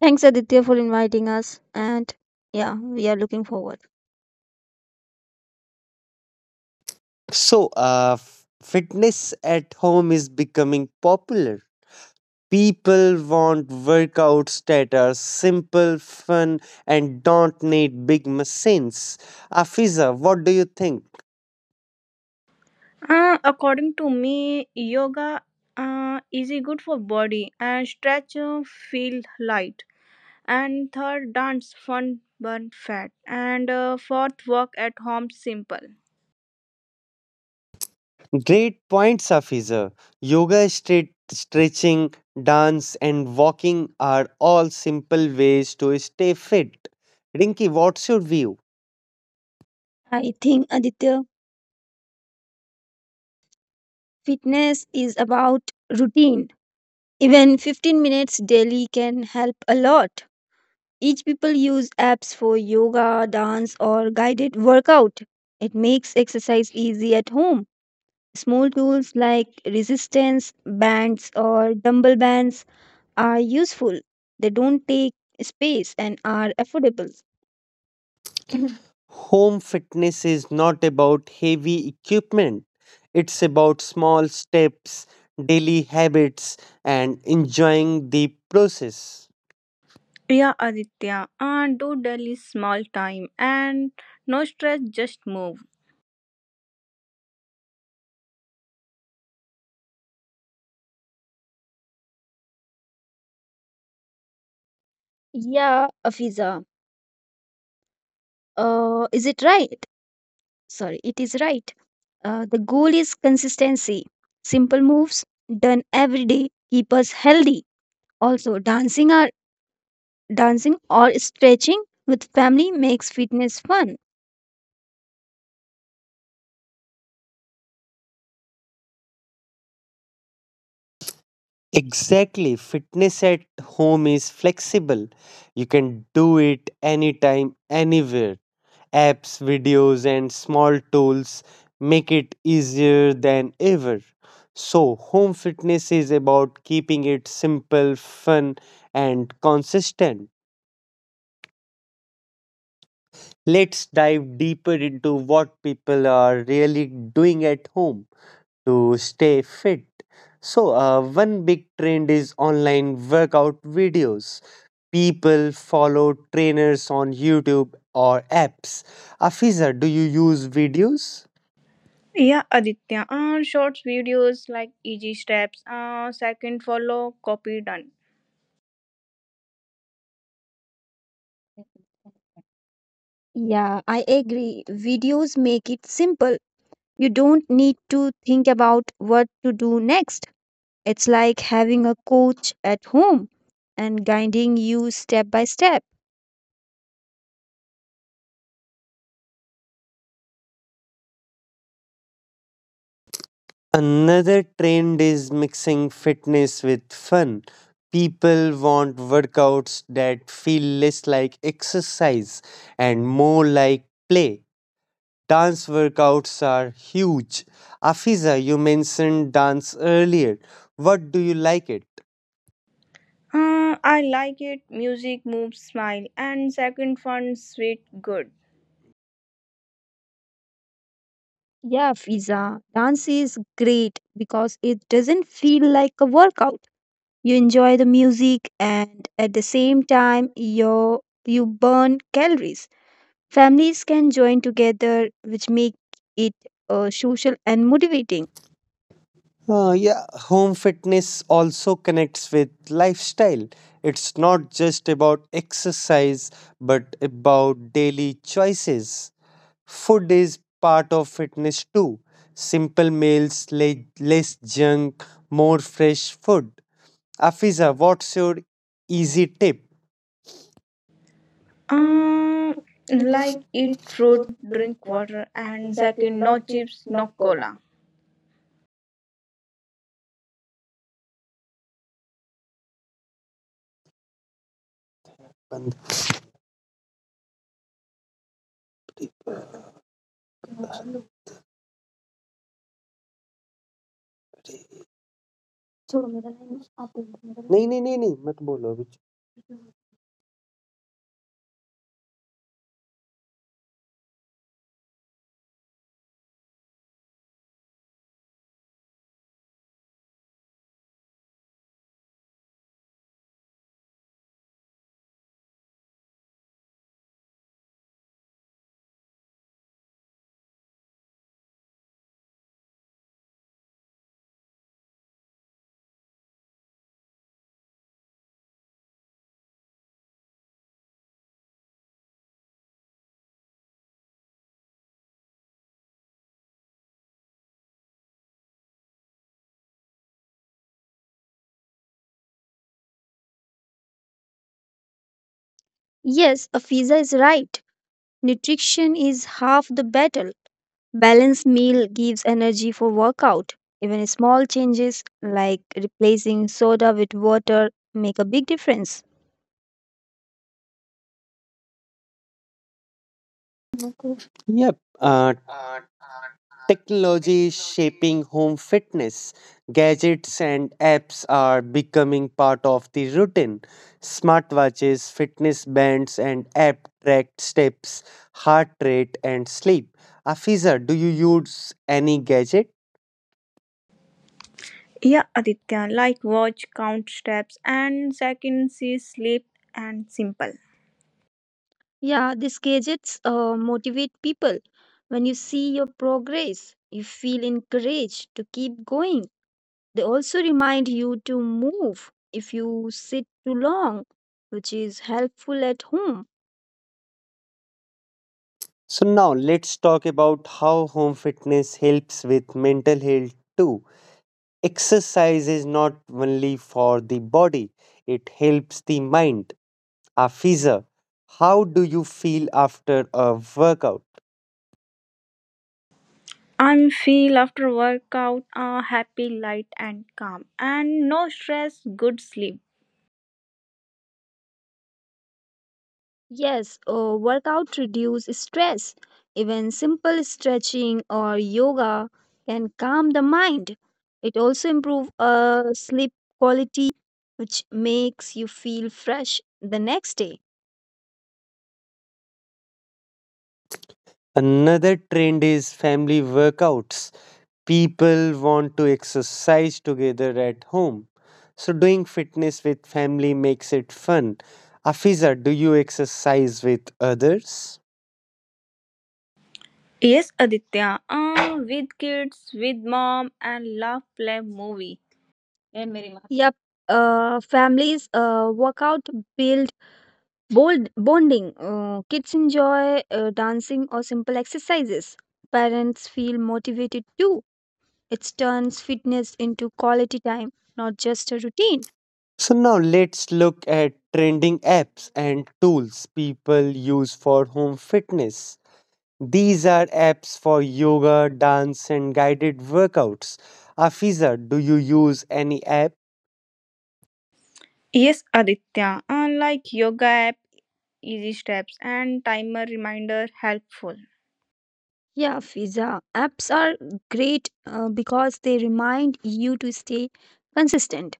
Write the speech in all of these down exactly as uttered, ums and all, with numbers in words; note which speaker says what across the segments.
Speaker 1: Thanks, Aditya, for inviting us. And yeah, we are looking forward.
Speaker 2: So, uh, f- fitness at home is becoming popular. People want workouts that are simple, fun, and don't need big machines. Afiza, what do you think?
Speaker 3: Uh, according to me, yoga uh, is a good for body and stretch, uh, feel light. And third, dance, fun, burn fat. And uh, fourth, work at home, simple.
Speaker 2: Great points, Afiza. Yoga, stre- stretching, dance, and walking are all simple ways to stay fit. Rinki, what's your view?
Speaker 1: I think, Aditya, fitness is about routine. Even fifteen minutes daily can help a lot. Each people use apps for yoga, dance, or guided workout. It makes exercise easy at home. Small tools like resistance bands or dumbbell bands are useful. They don't take space and are affordable.
Speaker 2: Home fitness is not about heavy equipment, it's about small steps, daily habits, and enjoying the process.
Speaker 3: Yeah, Aditya, uh, do daily small time and no stress, just move.
Speaker 1: Yeah, Afiza. Uh, is it right? Sorry, it is right. Uh, the goal is consistency. Simple moves done every day keep us healthy. Also, dancing or dancing or stretching with family makes fitness fun.
Speaker 2: Exactly. Fitness at home is flexible. You can do it anytime, anywhere. Apps, videos, and small tools make it easier than ever. So, home fitness is about keeping it simple, fun, and consistent. Let's dive deeper into what people are really doing at home to stay fit. So, uh, one big trend is online workout videos. People follow trainers on YouTube or apps. Afiza, do you use videos?
Speaker 3: Yeah, Aditya, uh, short videos like easy steps, uh, second follow, copy done.
Speaker 1: Yeah, I agree. Videos make it simple. You don't need to think about what to do next. It's like having a coach at home and guiding you step by step.
Speaker 2: Another trend is mixing fitness with fun. People want workouts that feel less like exercise and more like play. Dance workouts are huge. Afiza, you mentioned dance earlier. What do you like it?
Speaker 3: Uh, I like it. Music moves, smile, and second fun, sweet, good.
Speaker 1: Yeah, Fiza, dance is great because it doesn't feel like a workout. You enjoy the music, and at the same time you you burn calories. Families can join together, which make it uh, social and motivating.
Speaker 2: Uh, yeah, home fitness also connects with lifestyle. It's not just about exercise, but about daily choices. Food is part of fitness too. Simple meals, le- less junk, more fresh food. Afiza, what's your easy tip?
Speaker 3: Uh, like it, fruit, drink water, and second, no chips, no cola.
Speaker 2: नहीं नहीं नहीं नहीं नहीं मत बोलो अभी
Speaker 1: Yes, Afiza is right. Nutrition is half the battle. Balanced meal gives energy for workout. Even small changes like replacing soda with water make a big difference.
Speaker 2: Yep technology shaping home fitness, gadgets and apps are becoming part of the routine. Smartwatches, fitness bands and app tracked steps, heart rate and sleep. Afiza, do you use any gadget?
Speaker 3: Yeah, Aditya, like watch, count steps, and second, see, sleep, and simple.
Speaker 1: Yeah, these gadgets uh, motivate people. When you see your progress, you feel encouraged to keep going. They also remind you to move if you sit too long, which is helpful at home.
Speaker 2: So now let's talk about how home fitness helps with mental health too. Exercise is not only for the body, it helps the mind. Afiza, how do you feel after a workout?
Speaker 3: I feel after workout, uh, happy, light, and calm, and no stress, good sleep.
Speaker 1: Yes, uh, workout reduce stress. Even simple stretching or yoga can calm the mind. It also improve uh, sleep quality, which makes you feel fresh the next day.
Speaker 2: Another trend is family workouts. People want to exercise together at home. So, doing fitness with family makes it fun. Afiza, do you exercise with others?
Speaker 3: Yes, Aditya, uh, with kids, with mom, and love, play, movie.
Speaker 1: Yep, uh, families uh, workout build bold bonding. Uh, kids enjoy uh, dancing or simple exercises. Parents feel motivated too. It turns fitness into quality time, not just a routine.
Speaker 2: So, now let's look at trending apps and tools people use for home fitness. These are apps for yoga, dance, and guided workouts. Afiza, do you use any app?
Speaker 3: Yes, Aditya, unlike yoga app, easy steps and timer reminder helpful.
Speaker 1: Yeah, Fiza. Apps are great uh, because they remind you to stay consistent.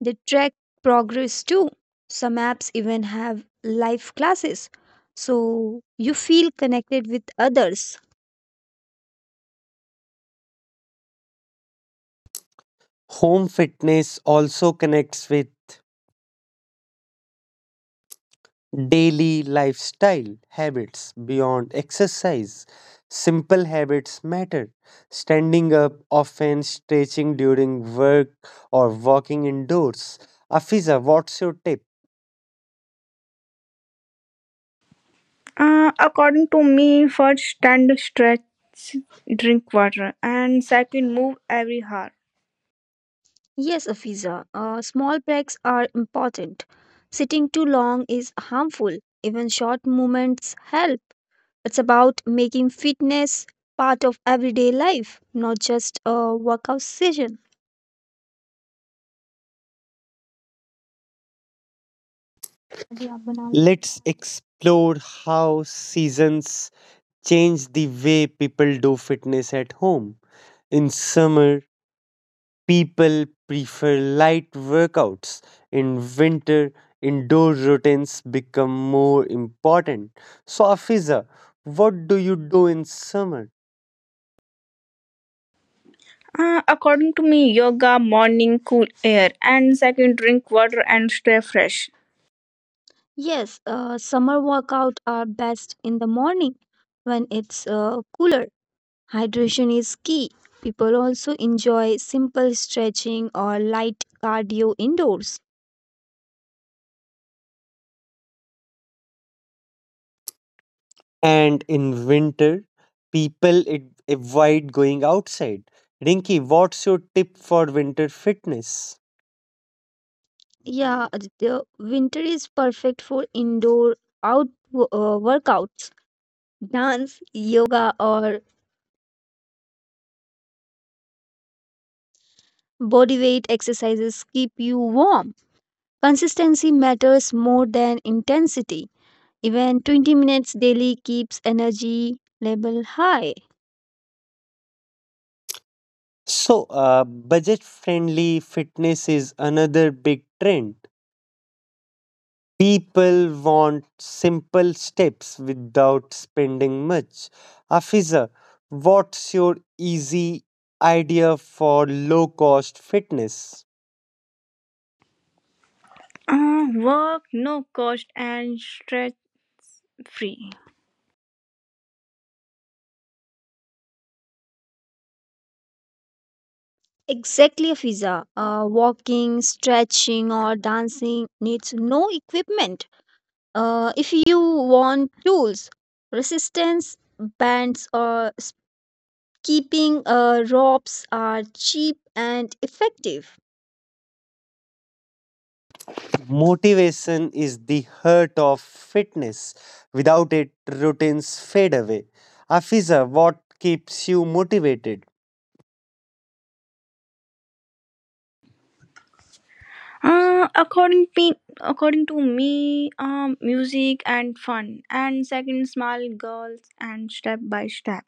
Speaker 1: They track progress too. Some apps even have live classes, so you feel connected with others.
Speaker 2: Home fitness also connects with daily lifestyle habits beyond exercise. Simple habits matter. Standing up often, stretching during work, or walking indoors. Afiza, what's your tip?
Speaker 3: Uh, according to me, first stand stretch, drink water, and second move every hour.
Speaker 1: Yes, Fiza. Uh, small breaks are important. Sitting too long is harmful. Even short movements help. It's about making fitness part of everyday life, not just a workout session.
Speaker 2: Let's explore how seasons changed the way people do fitness at home. In summer, people prefer light workouts. In winter, indoor routines become more important. So, Afiza, what do you do in summer?
Speaker 3: Uh, according to me, yoga morning cool air, and second drink water and stay fresh.
Speaker 1: Yes, uh, summer workouts are best in the morning when it's uh, cooler. Hydration is key. People also enjoy simple stretching or light cardio indoors.
Speaker 2: And in winter, people ad- avoid going outside. Rinki, what's your tip for winter fitness?
Speaker 1: Yeah, the winter is perfect for indoor out wo- uh, workouts. Dance, yoga, or body weight exercises keep you warm. Consistency matters more than intensity. Even twenty minutes daily keeps energy level high.
Speaker 2: So, uh, budget friendly fitness is another big trend. People want simple steps without spending much. Afiza, what's your easy idea for low cost fitness?
Speaker 3: Uh, work no cost and stretch free.
Speaker 1: Exactly, Fiza. Uh, walking, stretching, or dancing needs no equipment. Uh, if you want tools, resistance bands or s- keeping uh, ropes are cheap and effective.
Speaker 2: Motivation is the heart of fitness. Without it, routines fade away. Afiza, what keeps you motivated?
Speaker 3: Uh, according me, according to me, um, music and fun, and second, small girls and step by step.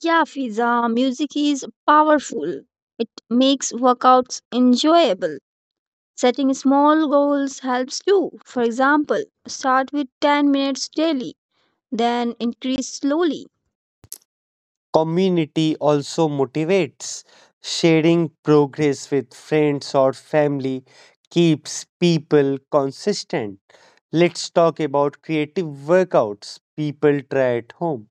Speaker 1: Yeah, Fiza, music is powerful. It makes workouts enjoyable. Setting small goals helps too. For example, start with ten minutes daily, then increase slowly.
Speaker 2: Community also motivates. Sharing progress with friends or family keeps people consistent. Let's talk about creative workouts people try at home.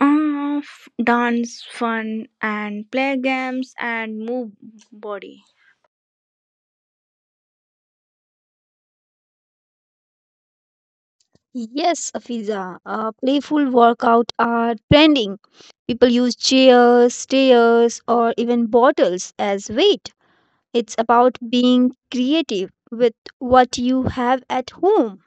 Speaker 3: Uh, f- dance, fun, and play games and move body.
Speaker 1: Yes, Afiza, uh, playful workout are trending. People use chairs, stairs, or even bottles as weight. It's about being creative with what you have at home.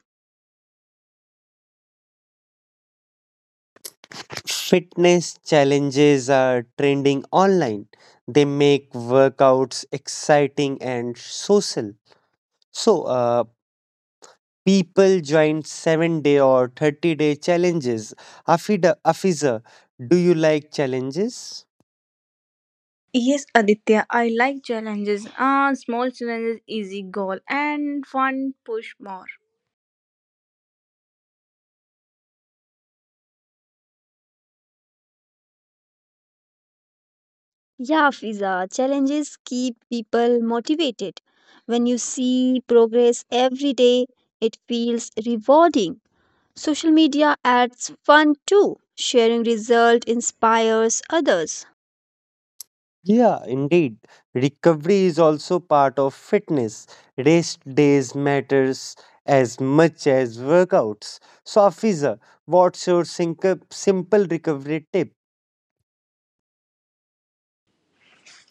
Speaker 2: Fitness challenges are trending online. They make workouts exciting and social. So, uh, People join seven day or thirty day challenges. Afida, Afiza, do you like challenges?
Speaker 3: Yes, Aditya, I like challenges. Uh, small challenges, easy goal, and fun push more.
Speaker 1: Yeah, Afiza, challenges keep people motivated. When you see progress every day, it feels rewarding. Social media adds fun too. Sharing result inspires others.
Speaker 2: Yeah, indeed. Recovery is also part of fitness. Rest days matters as much as workouts. So, Afiza, what's your sinc- simple recovery tip?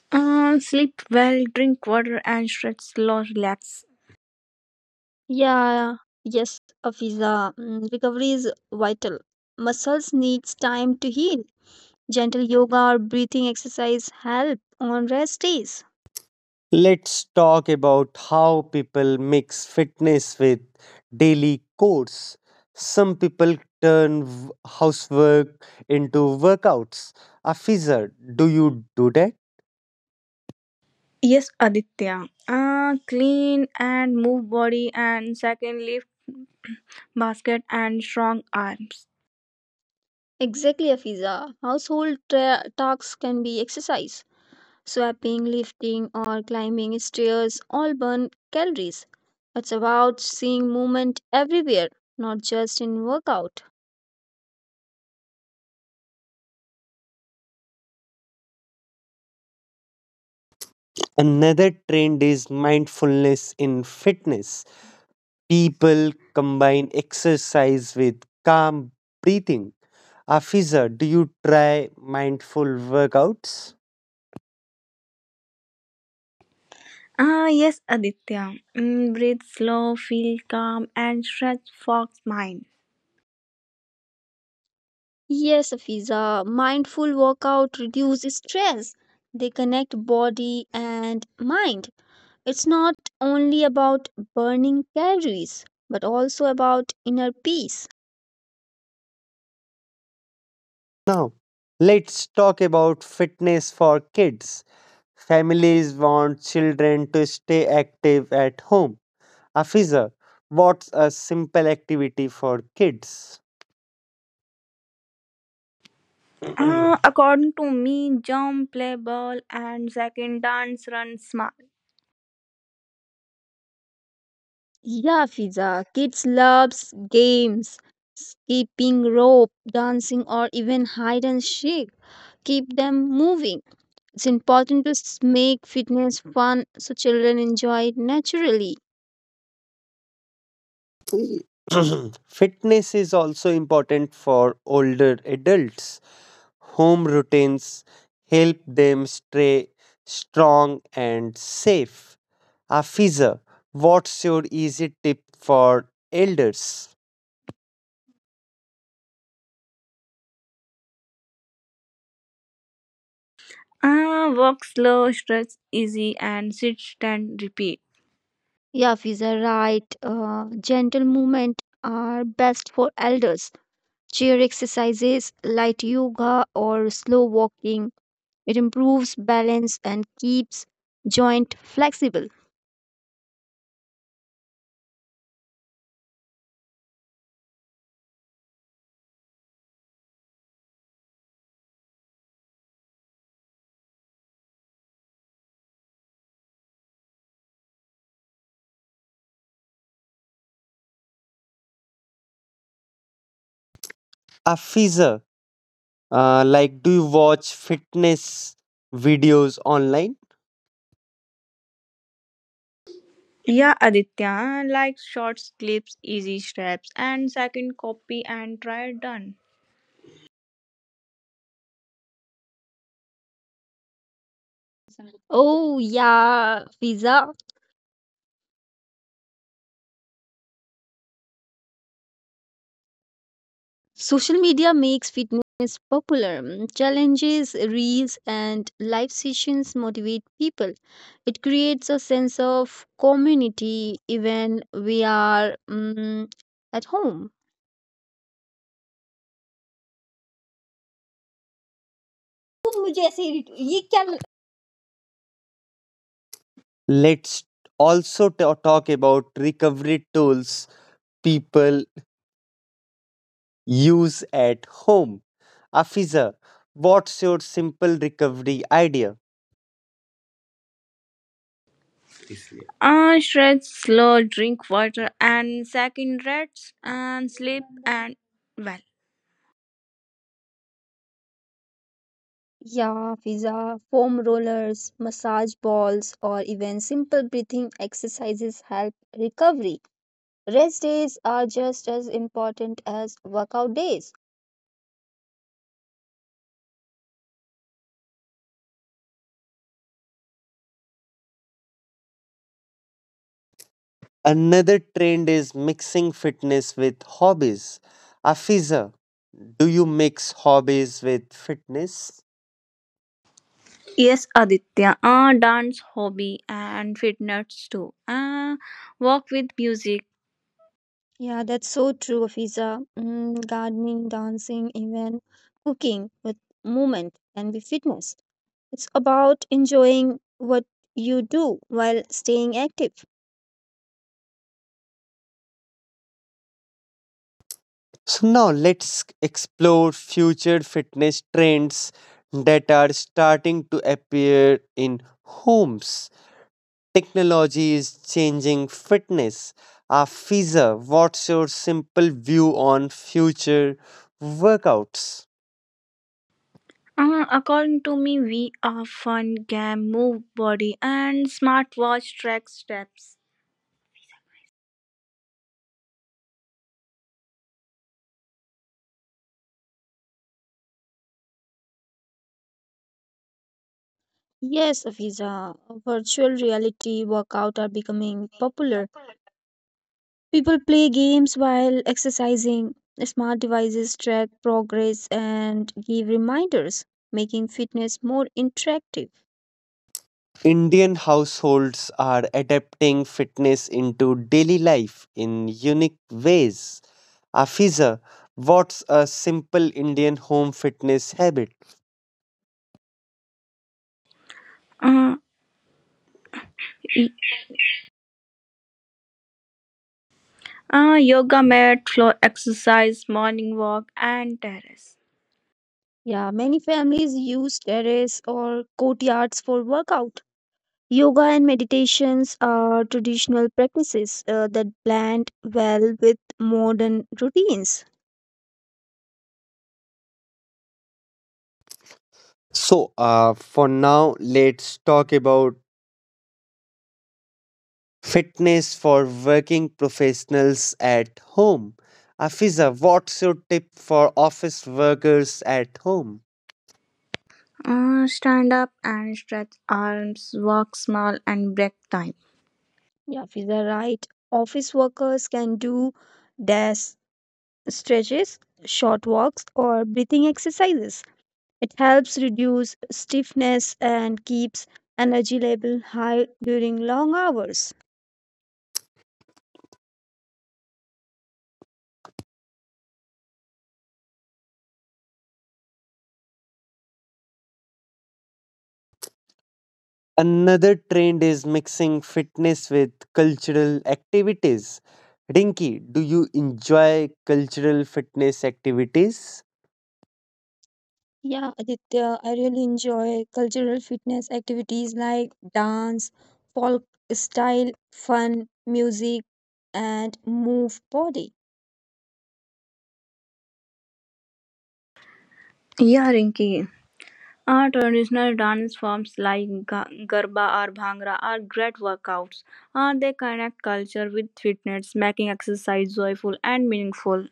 Speaker 3: Uh, sleep well, drink water, and stretch slow, relax.
Speaker 1: Yeah, yes, a visa mm, recovery is vital. Muscles needs time to heal. Gentle yoga or breathing exercise help on rest days.
Speaker 2: Let's talk about how people mix fitness with daily chores. Some people turn v- housework into workouts. Afiza, do you do that?
Speaker 3: Yes, Aditya. Uh, clean and move body, and second lift basket and strong arms.
Speaker 1: Exactly, Afiza. Household tra- tasks can be exercise. Swapping, lifting, or climbing stairs all burn calories. It's about seeing movement everywhere, not just in workout.
Speaker 2: Another trend is mindfulness in fitness. People combine exercise with calm breathing. Afiza, do you try mindful workouts?
Speaker 3: Ah, yes, Aditya. Mm, breathe slow, feel calm, and stretch Fox mind.
Speaker 1: Yes, Fiza, mindful workout reduces stress. They connect body and mind. It's not only about burning calories, but also about inner peace.
Speaker 2: Now, let's talk about fitness for kids. Families want children to stay active at home. Afiza, what's a simple activity for kids?
Speaker 3: Ah, according to me, jump, play ball, and second dance, run smart.
Speaker 1: Yeah, Fiza, kids loves games, skipping rope, dancing, or even hide and seek. Keep them moving. It's important to s- make fitness fun so children enjoy it naturally.
Speaker 2: Fitness is also important for older adults. Home routines help them stay strong and safe. Afiza, what's your easy tip for elders?
Speaker 3: Ah, walk slow, stretch easy, and sit, stand, repeat.
Speaker 1: Yeah, Fiza, right. Uh, gentle movement are best for elders. Chair exercises, light yoga, or slow walking. It improves balance and keeps joint flexible.
Speaker 2: Afiza, uh, like do you watch fitness videos online?
Speaker 3: Yeah, Aditya. Like short clips, easy steps, and second copy and try done.
Speaker 1: Oh, yeah, Fiza. Social media makes fitness popular. Mm, Challenges, reels, and live sessions motivate people. It creates a sense of community even we are mm, at home.
Speaker 2: Let's also ta- talk about recovery tools people use at home. Afiza, what's your simple recovery idea?
Speaker 3: Uh, stretch slow, drink water, and second rest and sleep and well.
Speaker 1: Yeah, Fiza. Foam rollers, massage balls, or even simple breathing exercises help recovery. Rest days are just as important as workout days.
Speaker 2: Another trend is mixing fitness with hobbies. Afiza, do you mix hobbies with fitness?
Speaker 3: Yes, Aditya. Uh, dance hobby and fitness too. Uh, walk with music.
Speaker 1: Yeah, that's so true, Fiza. Mm, gardening, dancing, even cooking with movement can be fitness. It's about enjoying what you do while staying active.
Speaker 2: So now let's explore future fitness trends that are starting to appear in homes. Technology is changing fitness. Afiza, what's your simple view on future workouts?
Speaker 3: Uh, according to me, we are fun game, move body, and smartwatch track steps.
Speaker 1: Yes, Afiza, virtual reality workout are becoming popular. People play games while exercising. Smart devices track progress and give reminders, making fitness more interactive.
Speaker 2: Indian households are adapting fitness into daily life in unique ways. Afiza, what's a simple Indian home fitness habit?
Speaker 3: Uh, uh, yoga mat, floor exercise, morning walk, and terrace.
Speaker 1: Yeah, many families use terrace or courtyards for workout. Yoga and meditations are traditional practices uh, that blend well with modern routines.
Speaker 2: So, uh, for now, let's talk about fitness for working professionals at home. Afiza, what's your tip for office workers at home?
Speaker 3: Uh, stand up and stretch arms, walk small, and break time.
Speaker 1: Yeah, these are right. Office workers can do desk stretches, short walks, or breathing exercises. It helps reduce stiffness and keeps energy level high during long hours.
Speaker 2: Another trend is mixing fitness with cultural activities. Rinki, do you enjoy cultural fitness activities?
Speaker 1: Yeah, Aditya, I really enjoy cultural fitness activities like dance, folk style, fun, music, and move body.
Speaker 3: Yeah, Rinki. Our traditional dance forms like ga- Garba or Bhangra are great workouts. Uh, they connect culture with fitness, making exercise joyful and meaningful.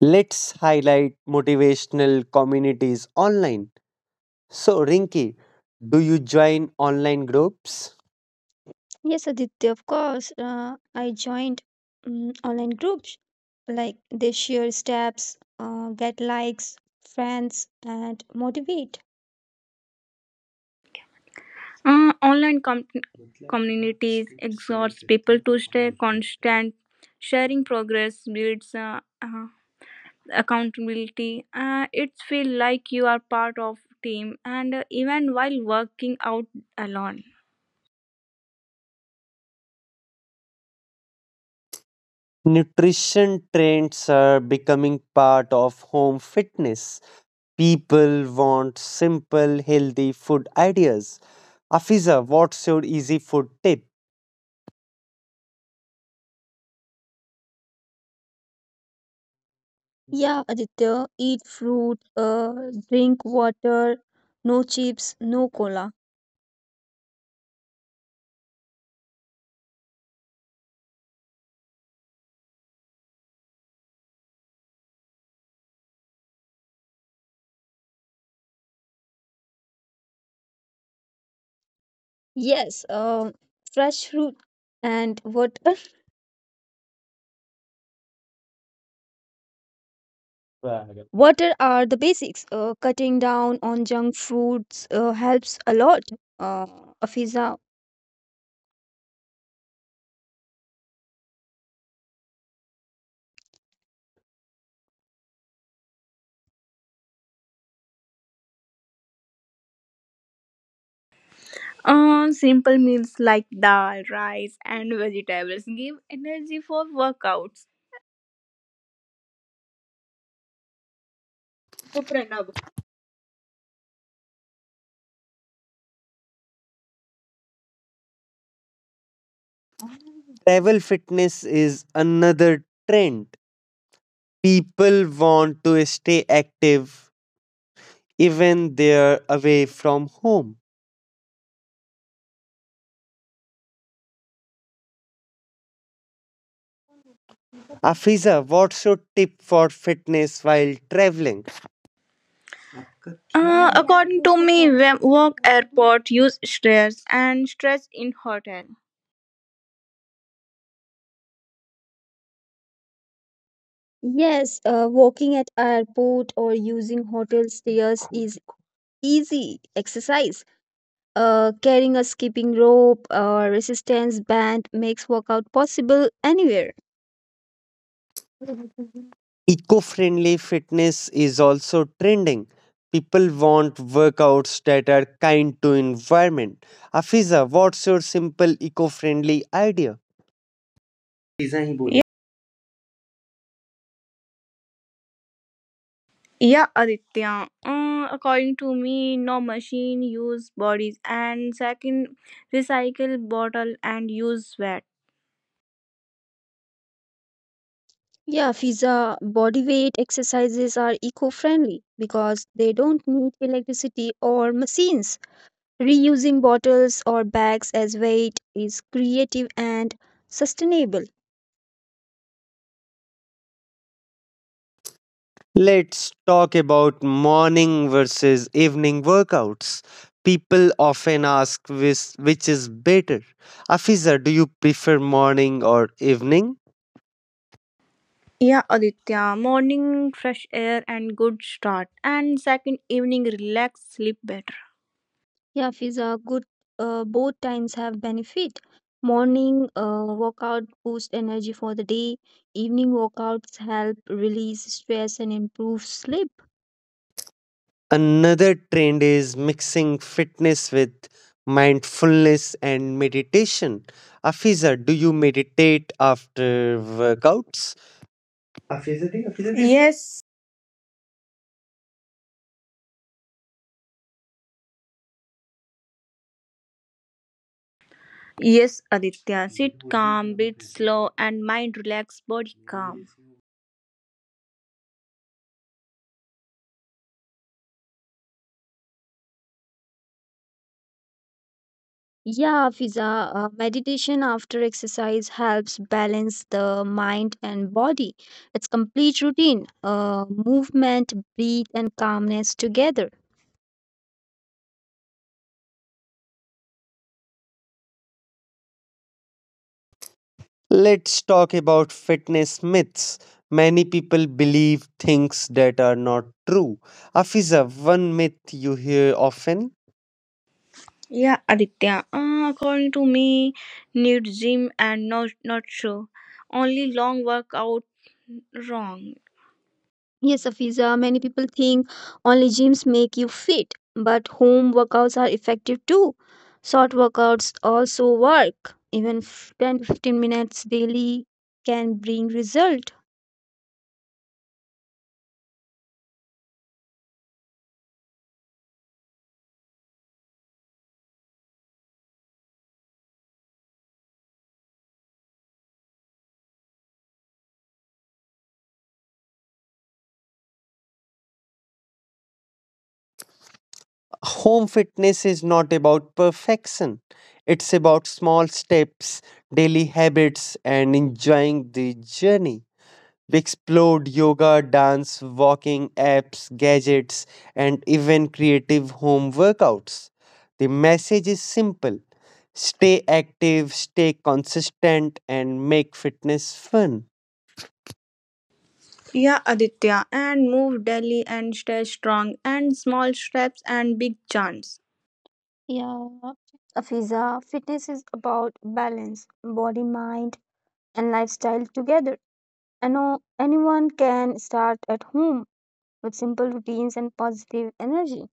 Speaker 2: Let's highlight motivational communities online. So, Rinki, do you join online groups?
Speaker 1: Yes, Aditya, of course. Uh, I joined mm online groups. Like they share steps, uh, get likes, friends, and motivate.
Speaker 3: Uh, online com- communities exhorts people to stay constant. Sharing progress builds uh, uh, accountability. Uh, it feels like you are part of team and uh, even while working out alone.
Speaker 2: Nutrition trends are becoming part of home fitness. People want simple, healthy food ideas. Afiza, what's your easy food tip?
Speaker 1: Yeah, Aditya, eat fruit, uh, drink water, no chips, no cola. Yes, um, fresh fruit and water. Water are the basics. Uh, cutting down on junk foods uh, helps a lot. Uh, Afiza,
Speaker 3: Uh, simple meals like dal, rice, and vegetables give energy for workouts.
Speaker 2: Travel fitness is another trend. People want to stay active even they're away from home. Afiza, what's your tip for fitness while traveling?
Speaker 3: Uh, according to me, when work airport use stress and stress in hotel.
Speaker 1: Yes, uh, walking at airport or using hotel stairs is easy exercise. Uh, carrying a skipping rope or resistance band makes workout possible anywhere.
Speaker 2: Eco-friendly fitness is also trending. People want workouts that are kind to environment. Afiza, what's your simple eco-friendly idea?
Speaker 3: Yeah, yeah, Aditya. Uh, according to me, no machine use bodies and second recycle bottle and use wet.
Speaker 1: Yeah, FISA body weight exercises are eco-friendly because they don't need electricity or machines. Reusing bottles or bags as weight is creative and sustainable.
Speaker 2: Let's talk about morning versus evening workouts. People often ask which, which is better. Afiza, do you prefer morning or evening?
Speaker 3: Yeah, Aditya. Morning fresh air and good start and second evening relax sleep better.
Speaker 1: Yeah, Fiza, good. Uh, both times have benefit. Morning uh, workout boost energy for the day. Evening workouts help release stress and improve sleep.
Speaker 2: Another trend is mixing fitness with mindfulness and meditation. Afiza, do you meditate after workouts?
Speaker 3: Yes, yes, Aditya. Sit calm, breathe slow, and mind relaxed, body calm.
Speaker 1: Yeah, Fiza, uh, meditation after exercise helps balance the mind and body. It's complete routine, uh, movement, breathe, and calmness together.
Speaker 2: Let's talk about fitness myths. Many people believe things that are not true. Afiza, one myth you hear often,
Speaker 3: Yeah, Aditya. Uh, according to me, need gym and not not sure. Only long workout wrong.
Speaker 1: Yes, Afiza, many people think only gyms make you fit, but home workouts are effective too. Short workouts also work. Even f- ten to fifteen minutes daily can bring result.
Speaker 2: home fitness is not about perfection, it's about small steps, daily habits, and enjoying the journey. We explored yoga, dance, walking apps, gadgets, and even creative home workouts. The message is simple, stay active, stay consistent, and make fitness fun.
Speaker 3: Yeah, Aditya. And move daily and stay strong. And small steps and big chance.
Speaker 1: Yeah. Afiza, fitness is about balance, body, mind, and lifestyle together. I know anyone can start at home with simple routines and positive energy.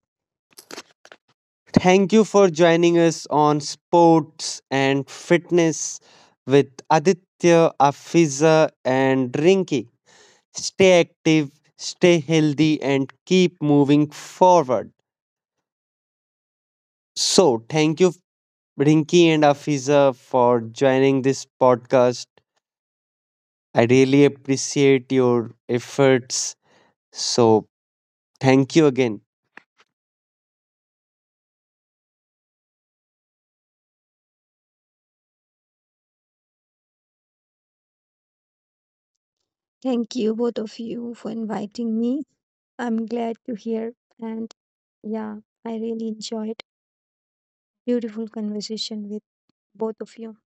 Speaker 2: Thank you for joining us on sports and fitness with Aditya, Afiza, and Rinki. Stay active, stay healthy, and keep moving forward. So, thank you Rinki and Afiza, for joining this podcast. I really appreciate your efforts. So, thank you again.
Speaker 1: Thank you, both of you, for inviting me. I'm glad to hear, and yeah, I really enjoyed beautiful conversation with both of you.